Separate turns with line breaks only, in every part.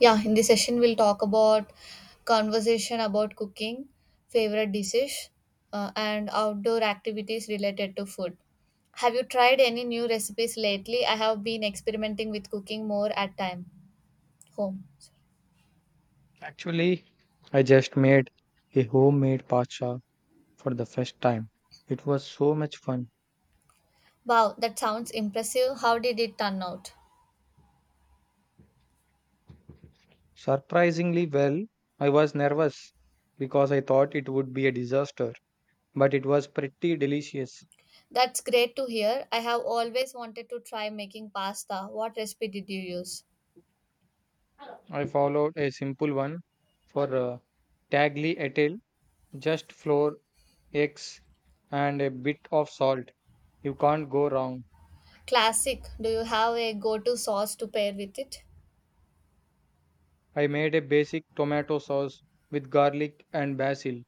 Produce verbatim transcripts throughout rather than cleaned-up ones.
Yeah, in this session, we'll talk about conversation about cooking, favorite dishes, uh, and outdoor activities related to food. Have you tried any new recipes lately? I have been experimenting with cooking more at time home.
Actually, I just made a homemade paksha for the first time. It was so much fun.
Wow, that sounds impressive. How did it turn out?
Surprisingly well, I was nervous because I thought it would be a disaster, but it was pretty delicious.
That's great to hear. I have always wanted to try making pasta. What recipe did you use?
I followed a simple one for uh, tagliatelle, just flour, eggs, and a bit of salt. You can't go wrong.
Classic. Do you have a go-to sauce to pair with it?
I made a basic tomato sauce with garlic and basil.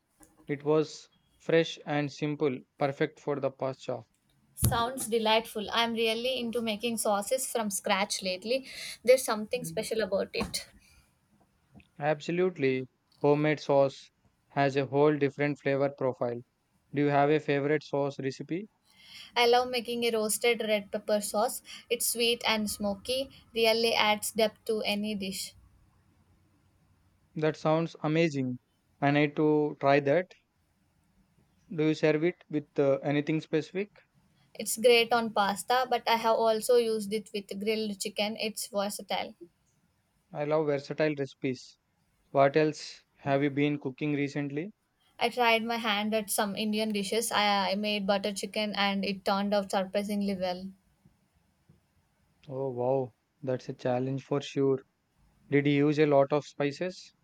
It was fresh and simple, perfect for the pasta.
Sounds delightful. I'm really into making sauces from scratch lately. There's something special about it.
Absolutely. Homemade sauce has a whole different flavor profile. Do you have a favorite sauce recipe?
I love making a roasted red pepper sauce. It's sweet and smoky, really adds depth to any dish.
That sounds amazing. I need to try that. Do you serve it with uh, anything specific?
It's great on pasta, but I have also used it with grilled chicken. It's versatile.
I love versatile recipes. What else have you been cooking recently?
I tried my hand at some Indian dishes. I, I made butter chicken and it turned out surprisingly well.
Oh, wow. That's a challenge for sure. Did you use a lot of spices?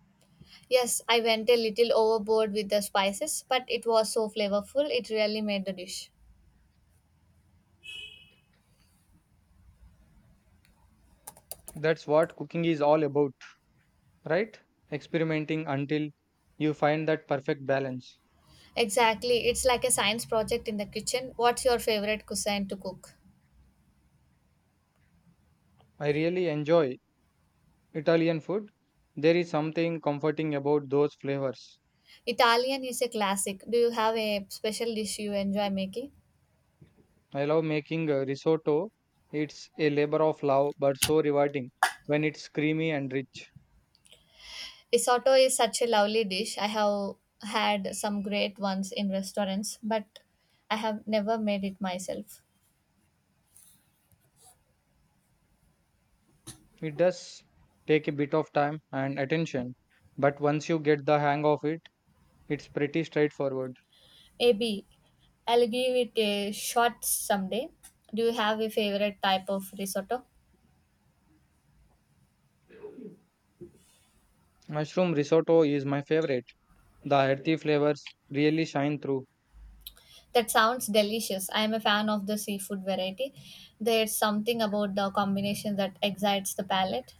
Yes, I went a little overboard with the spices, but it was so flavorful, it really made the dish.
That's what cooking is all about, right? Experimenting until you find that perfect balance.
Exactly. It's like a science project in the kitchen. What's your favorite cuisine to cook?
I really enjoy Italian food. There is something comforting about those flavors.
Italian is a classic. Do you have a special dish you enjoy making?
I love making uh, risotto. It's a labor of love, but so rewarding when it's creamy and rich.
Risotto is such a lovely dish. I have had some great ones in restaurants, but I have never made it myself.
It does take a bit of time and attention, but once you get the hang of it, it's pretty straightforward.
Maybe I'll give it a shot someday. Do you have a favorite type of risotto?
Mushroom risotto is my favorite. The earthy flavors really shine through.
That sounds delicious. I am a fan of the seafood variety. There's something about the combination that excites the palate.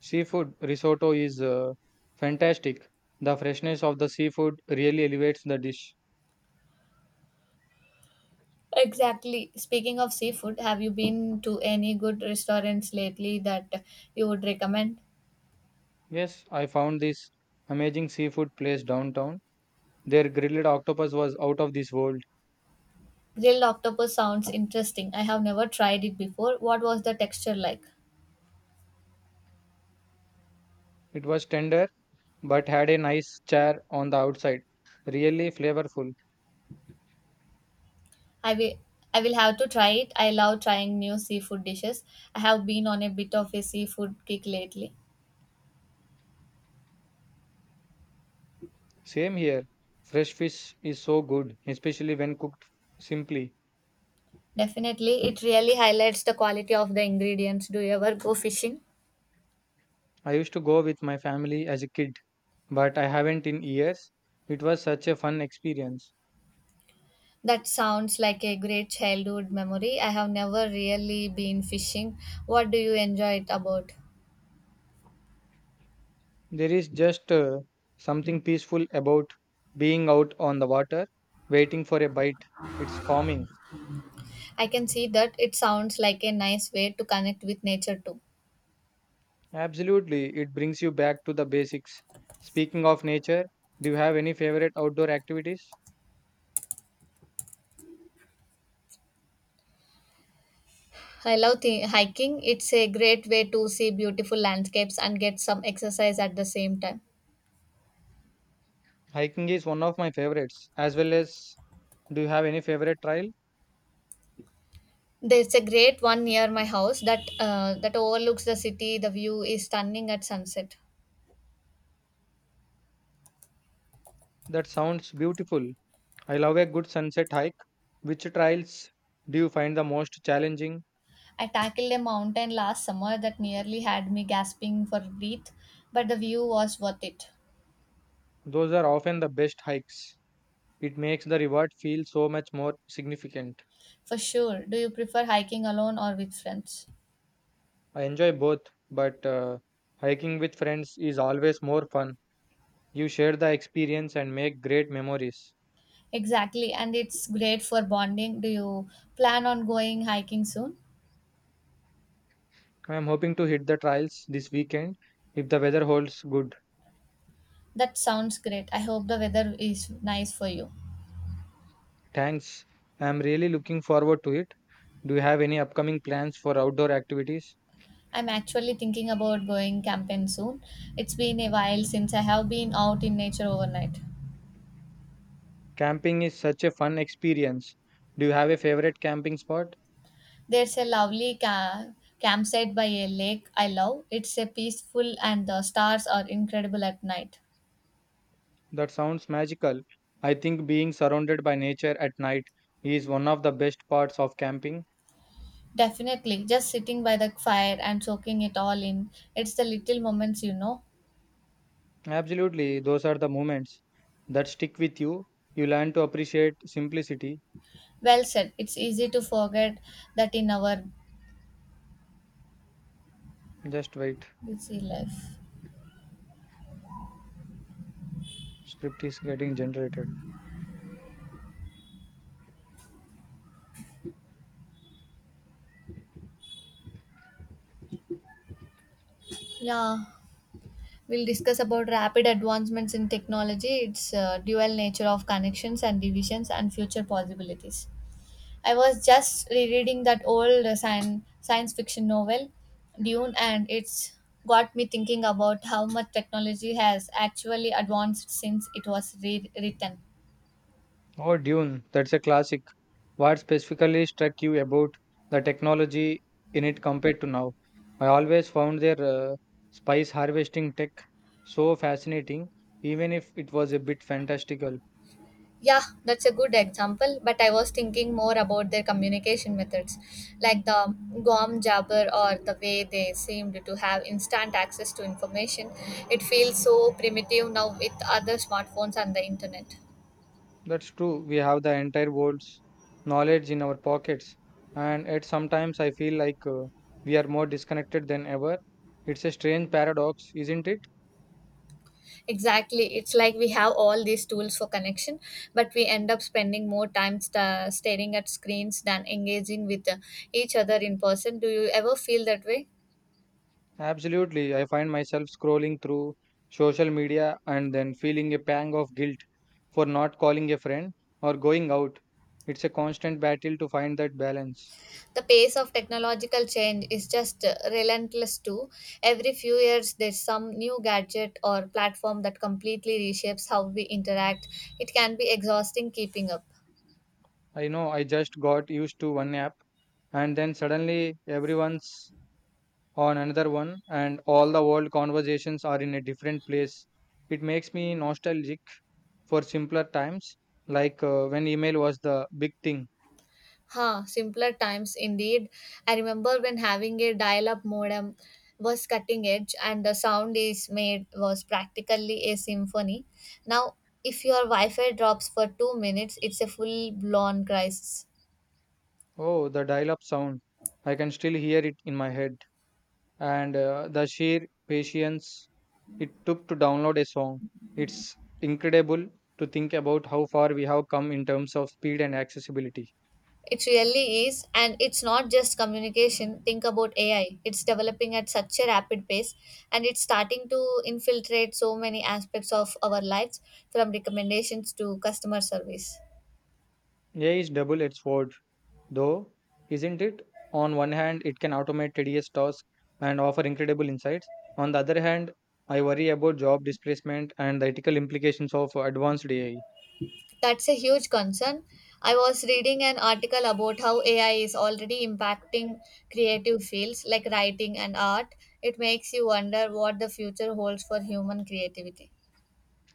Seafood risotto is uh, fantastic. The freshness of the seafood really elevates the dish.
Exactly. Speaking of seafood, have you been to any good restaurants lately that you would recommend?
Yes, I found this amazing seafood place downtown. Their grilled octopus was out of this world.
Grilled octopus sounds interesting. I have never tried it before. What was the texture like?
It was tender but had a nice char on the outside. Really flavorful.
I will I will have to try it. I love trying new seafood dishes. I have been on a bit of a seafood kick lately.
Same here. Fresh fish is so good, especially when cooked simply.
Definitely, it really highlights the quality of the ingredients. Do you ever go fishing?
I used to go with my family as a kid, but I haven't in years. It was such a fun experience.
That sounds like a great childhood memory. I have never really been fishing. What do you enjoy it about?
There is just uh, something peaceful about being out on the water, waiting for a bite. It's calming.
I can see that it sounds like a nice way to connect with nature too.
Absolutely, it brings you back to the basics. Speaking of nature, do you have any favorite outdoor activities?
I love thi- hiking. It's a great way to see beautiful landscapes and get some exercise at the same time.
Hiking is one of my favorites, as well as, do you have any favorite trail?
There's a great one near my house that uh, that overlooks the city. The view is stunning at sunset.
That sounds beautiful. I love a good sunset hike. Which trails do you find the most challenging?
I tackled a mountain last summer that nearly had me gasping for breath, but the view was worth it.
Those are often the best hikes. It makes the reward feel so much more significant.
For sure. Do you prefer hiking alone or with friends?
I enjoy both, but uh, hiking with friends is always more fun. You share the experience and make great memories.
Exactly, and it's great for bonding. Do you plan on going hiking soon?
I am hoping to hit the trails this weekend if the weather holds good.
That sounds great. I hope the weather is nice for you.
Thanks. I am really looking forward to it. Do you have any upcoming plans for outdoor activities?
I'm actually thinking about going camping soon. It's been a while since I have been out in nature overnight.
Camping is such a fun experience. Do you have a favorite camping spot?
There's a lovely ca- campsite by a lake I love. It's a peaceful and the stars are incredible at night.
That sounds magical. I think being surrounded by nature at night is one of the best parts of camping.
Definitely, just sitting by the fire and soaking it all in. It's the little moments you know
Absolutely, those are the moments that stick with you. You learn to appreciate simplicity.
Well said. It's easy to forget that in our
Just wait,
busy life.
script is getting generated.
Yeah, we'll discuss about rapid advancements in technology, its uh, dual nature of connections and divisions, and future possibilities. I was just rereading that old uh, science, science fiction novel, Dune, and it's got me thinking about how much technology has actually advanced since it was re- written.
Oh, Dune, that's a classic. What specifically struck you about the technology in it compared to now? I always found their uh, spice harvesting tech so fascinating, even if it was a bit fantastical.
Yeah, that's a good example, but I was thinking more about their communication methods, like the Guam jabber or the way they seemed to have instant access to information. It feels so primitive now with other smartphones and the internet.
That's true. We have the entire world's knowledge in our pockets, and yet sometimes I feel like, uh, we are more disconnected than ever. It's a strange paradox, isn't it?
Exactly, it's like we have all these tools for connection, but we end up spending more time sta staring at screens than engaging with uh, each other in person. Do you ever feel that way?
Absolutely. I find myself scrolling through social media and then feeling a pang of guilt for not calling a friend or going out. It's a constant battle to find that balance.
The pace of technological change is just uh, relentless too. Every few years there's some new gadget or platform that completely reshapes how we interact. It can be exhausting keeping up.
I know, I just got used to one app, and then suddenly everyone's on another one, and all the world conversations are in a different place. It makes me nostalgic for simpler times, like uh, when email was the big thing.
Huh, simpler times indeed. I remember when having a dial-up modem was cutting edge and the sound is made was practically a symphony. Now if your wi-fi drops for two minutes it's a full-blown crisis.
Oh, the dial up sound. I can still hear it in my head. And uh, the sheer patience it took to download a song. It's incredible to think about how far we have come in terms of speed and accessibility.
It really is, and it's not just communication. Think about A I. It's developing at such a rapid pace and it's starting to infiltrate so many aspects of our lives, from recommendations to customer service.
A I is double edged sword. Though, isn't it? On one hand, it can automate tedious tasks and offer incredible insights. On the other hand, I worry about job displacement and the ethical implications of advanced A I.
That's a huge concern. I was reading an article about how A I is already impacting creative fields like writing and art. It makes you wonder what the future holds for human creativity.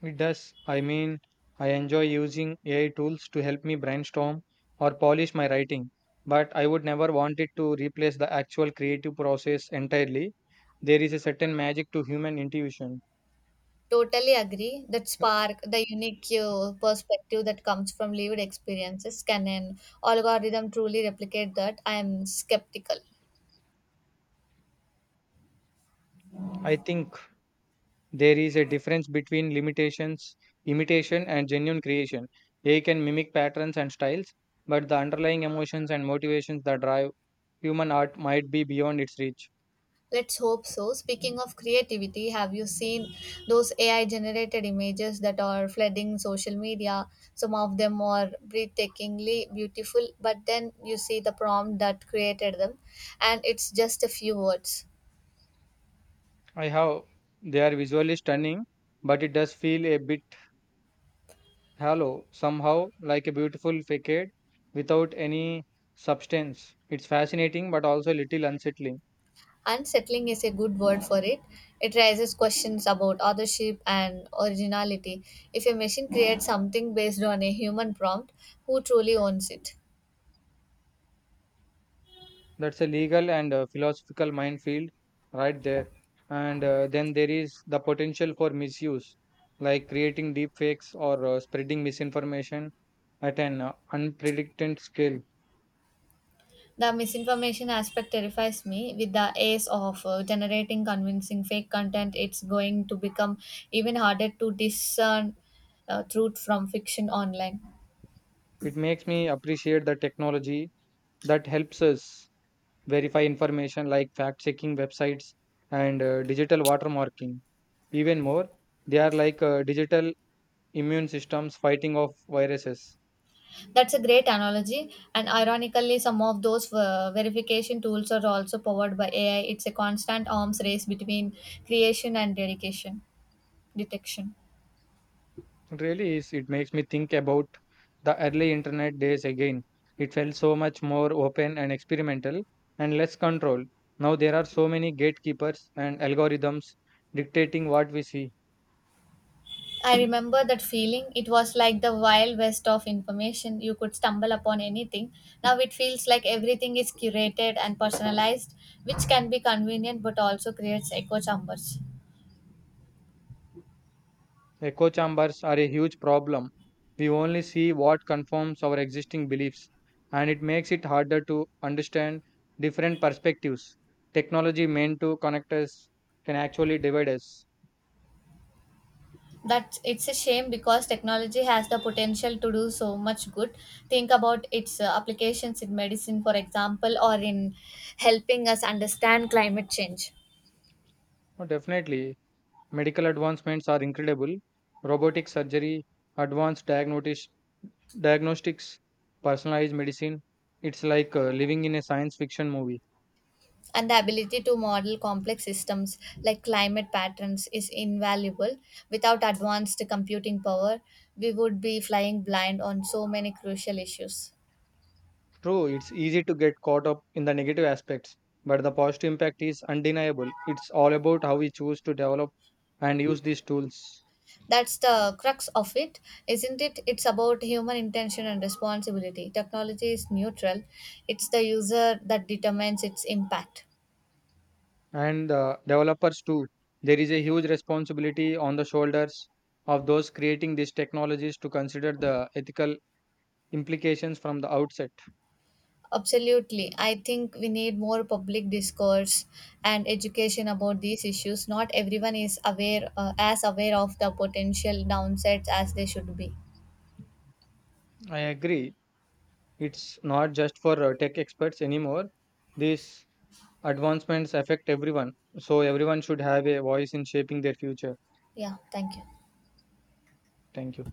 It does. I mean, I enjoy using A I tools to help me brainstorm or polish my writing, but I would never want it to replace the actual creative process entirely. There is a certain magic to human intuition.
Totally agree. That spark, the unique uh, perspective that comes from lived experiences, can an algorithm truly replicate that? I am skeptical.
I think there is a difference between limitations, imitation, and genuine creation. A I can mimic patterns and styles, but the underlying emotions and motivations that drive human art might be beyond its reach.
Let's hope so. Speaking of creativity, have you seen those A I generated images that are flooding social media? Some of them are breathtakingly beautiful, but then you see the prompt that created them, and it's just a few words.
I have, they are visually stunning, but it does feel a bit hollow, somehow, like a beautiful facade without any substance. It's fascinating but also a little unsettling.
Unsettling is a good word for it. It raises questions about authorship and originality. If a machine creates something based on a human prompt, who truly owns it?
That's a legal and uh, philosophical minefield right there. And uh, then there is the potential for misuse, like creating deep fakes or uh, spreading misinformation at an uh, unprecedented scale.
The misinformation aspect terrifies me. With the ace of uh, generating convincing fake content, it's going to become even harder to discern uh, truth from fiction online.
It makes me appreciate the technology that helps us verify information like fact checking websites and uh, digital watermarking. Even more, they are like uh, digital immune systems fighting off viruses.
That's a great analogy, and ironically, some of those uh, verification tools are also powered by A I. It's a constant arms race between creation and dedication detection.
It really is. It makes me think about the early internet days again. It felt so much more open and experimental and less control. Now there are so many gatekeepers and algorithms dictating what we see.
I remember that feeling. It was like the wild west of information. You could stumble upon anything. Now it feels like everything is curated and personalized, which can be convenient but also creates echo chambers.
Echo chambers are a huge problem. We only see what confirms our existing beliefs, and it makes it harder to understand different perspectives. Technology meant to connect us can actually divide us.
That it's a shame because technology has the potential to do so much good. Think about its uh, applications in medicine, for example, or in helping us understand climate change.
Oh, definitely. Medical advancements are incredible. Robotic surgery, advanced diagnosis, diagnostics, personalized medicine. It's like uh, living in a science fiction movie.
And the ability to model complex systems like climate patterns is invaluable. Without advanced computing power, we would be flying blind on so many crucial issues.
True, it's easy to get caught up in the negative aspects, but the positive impact is undeniable. It's all about how we choose to develop and use these tools.
That's the crux of it, isn't it? It's about human intention and responsibility. Technology is neutral, it's the user that determines its impact.
And the developers, too. There is a huge responsibility on the shoulders of those creating these technologies to consider the ethical implications from the outset.
Absolutely. I think we need more public discourse and education about these issues. Not everyone is aware uh, as aware of the potential downsides as they should be.
I agree. It's not just for uh, tech experts anymore. These advancements affect everyone, so everyone should have a voice in shaping their future.
Yeah, thank you.
Thank you.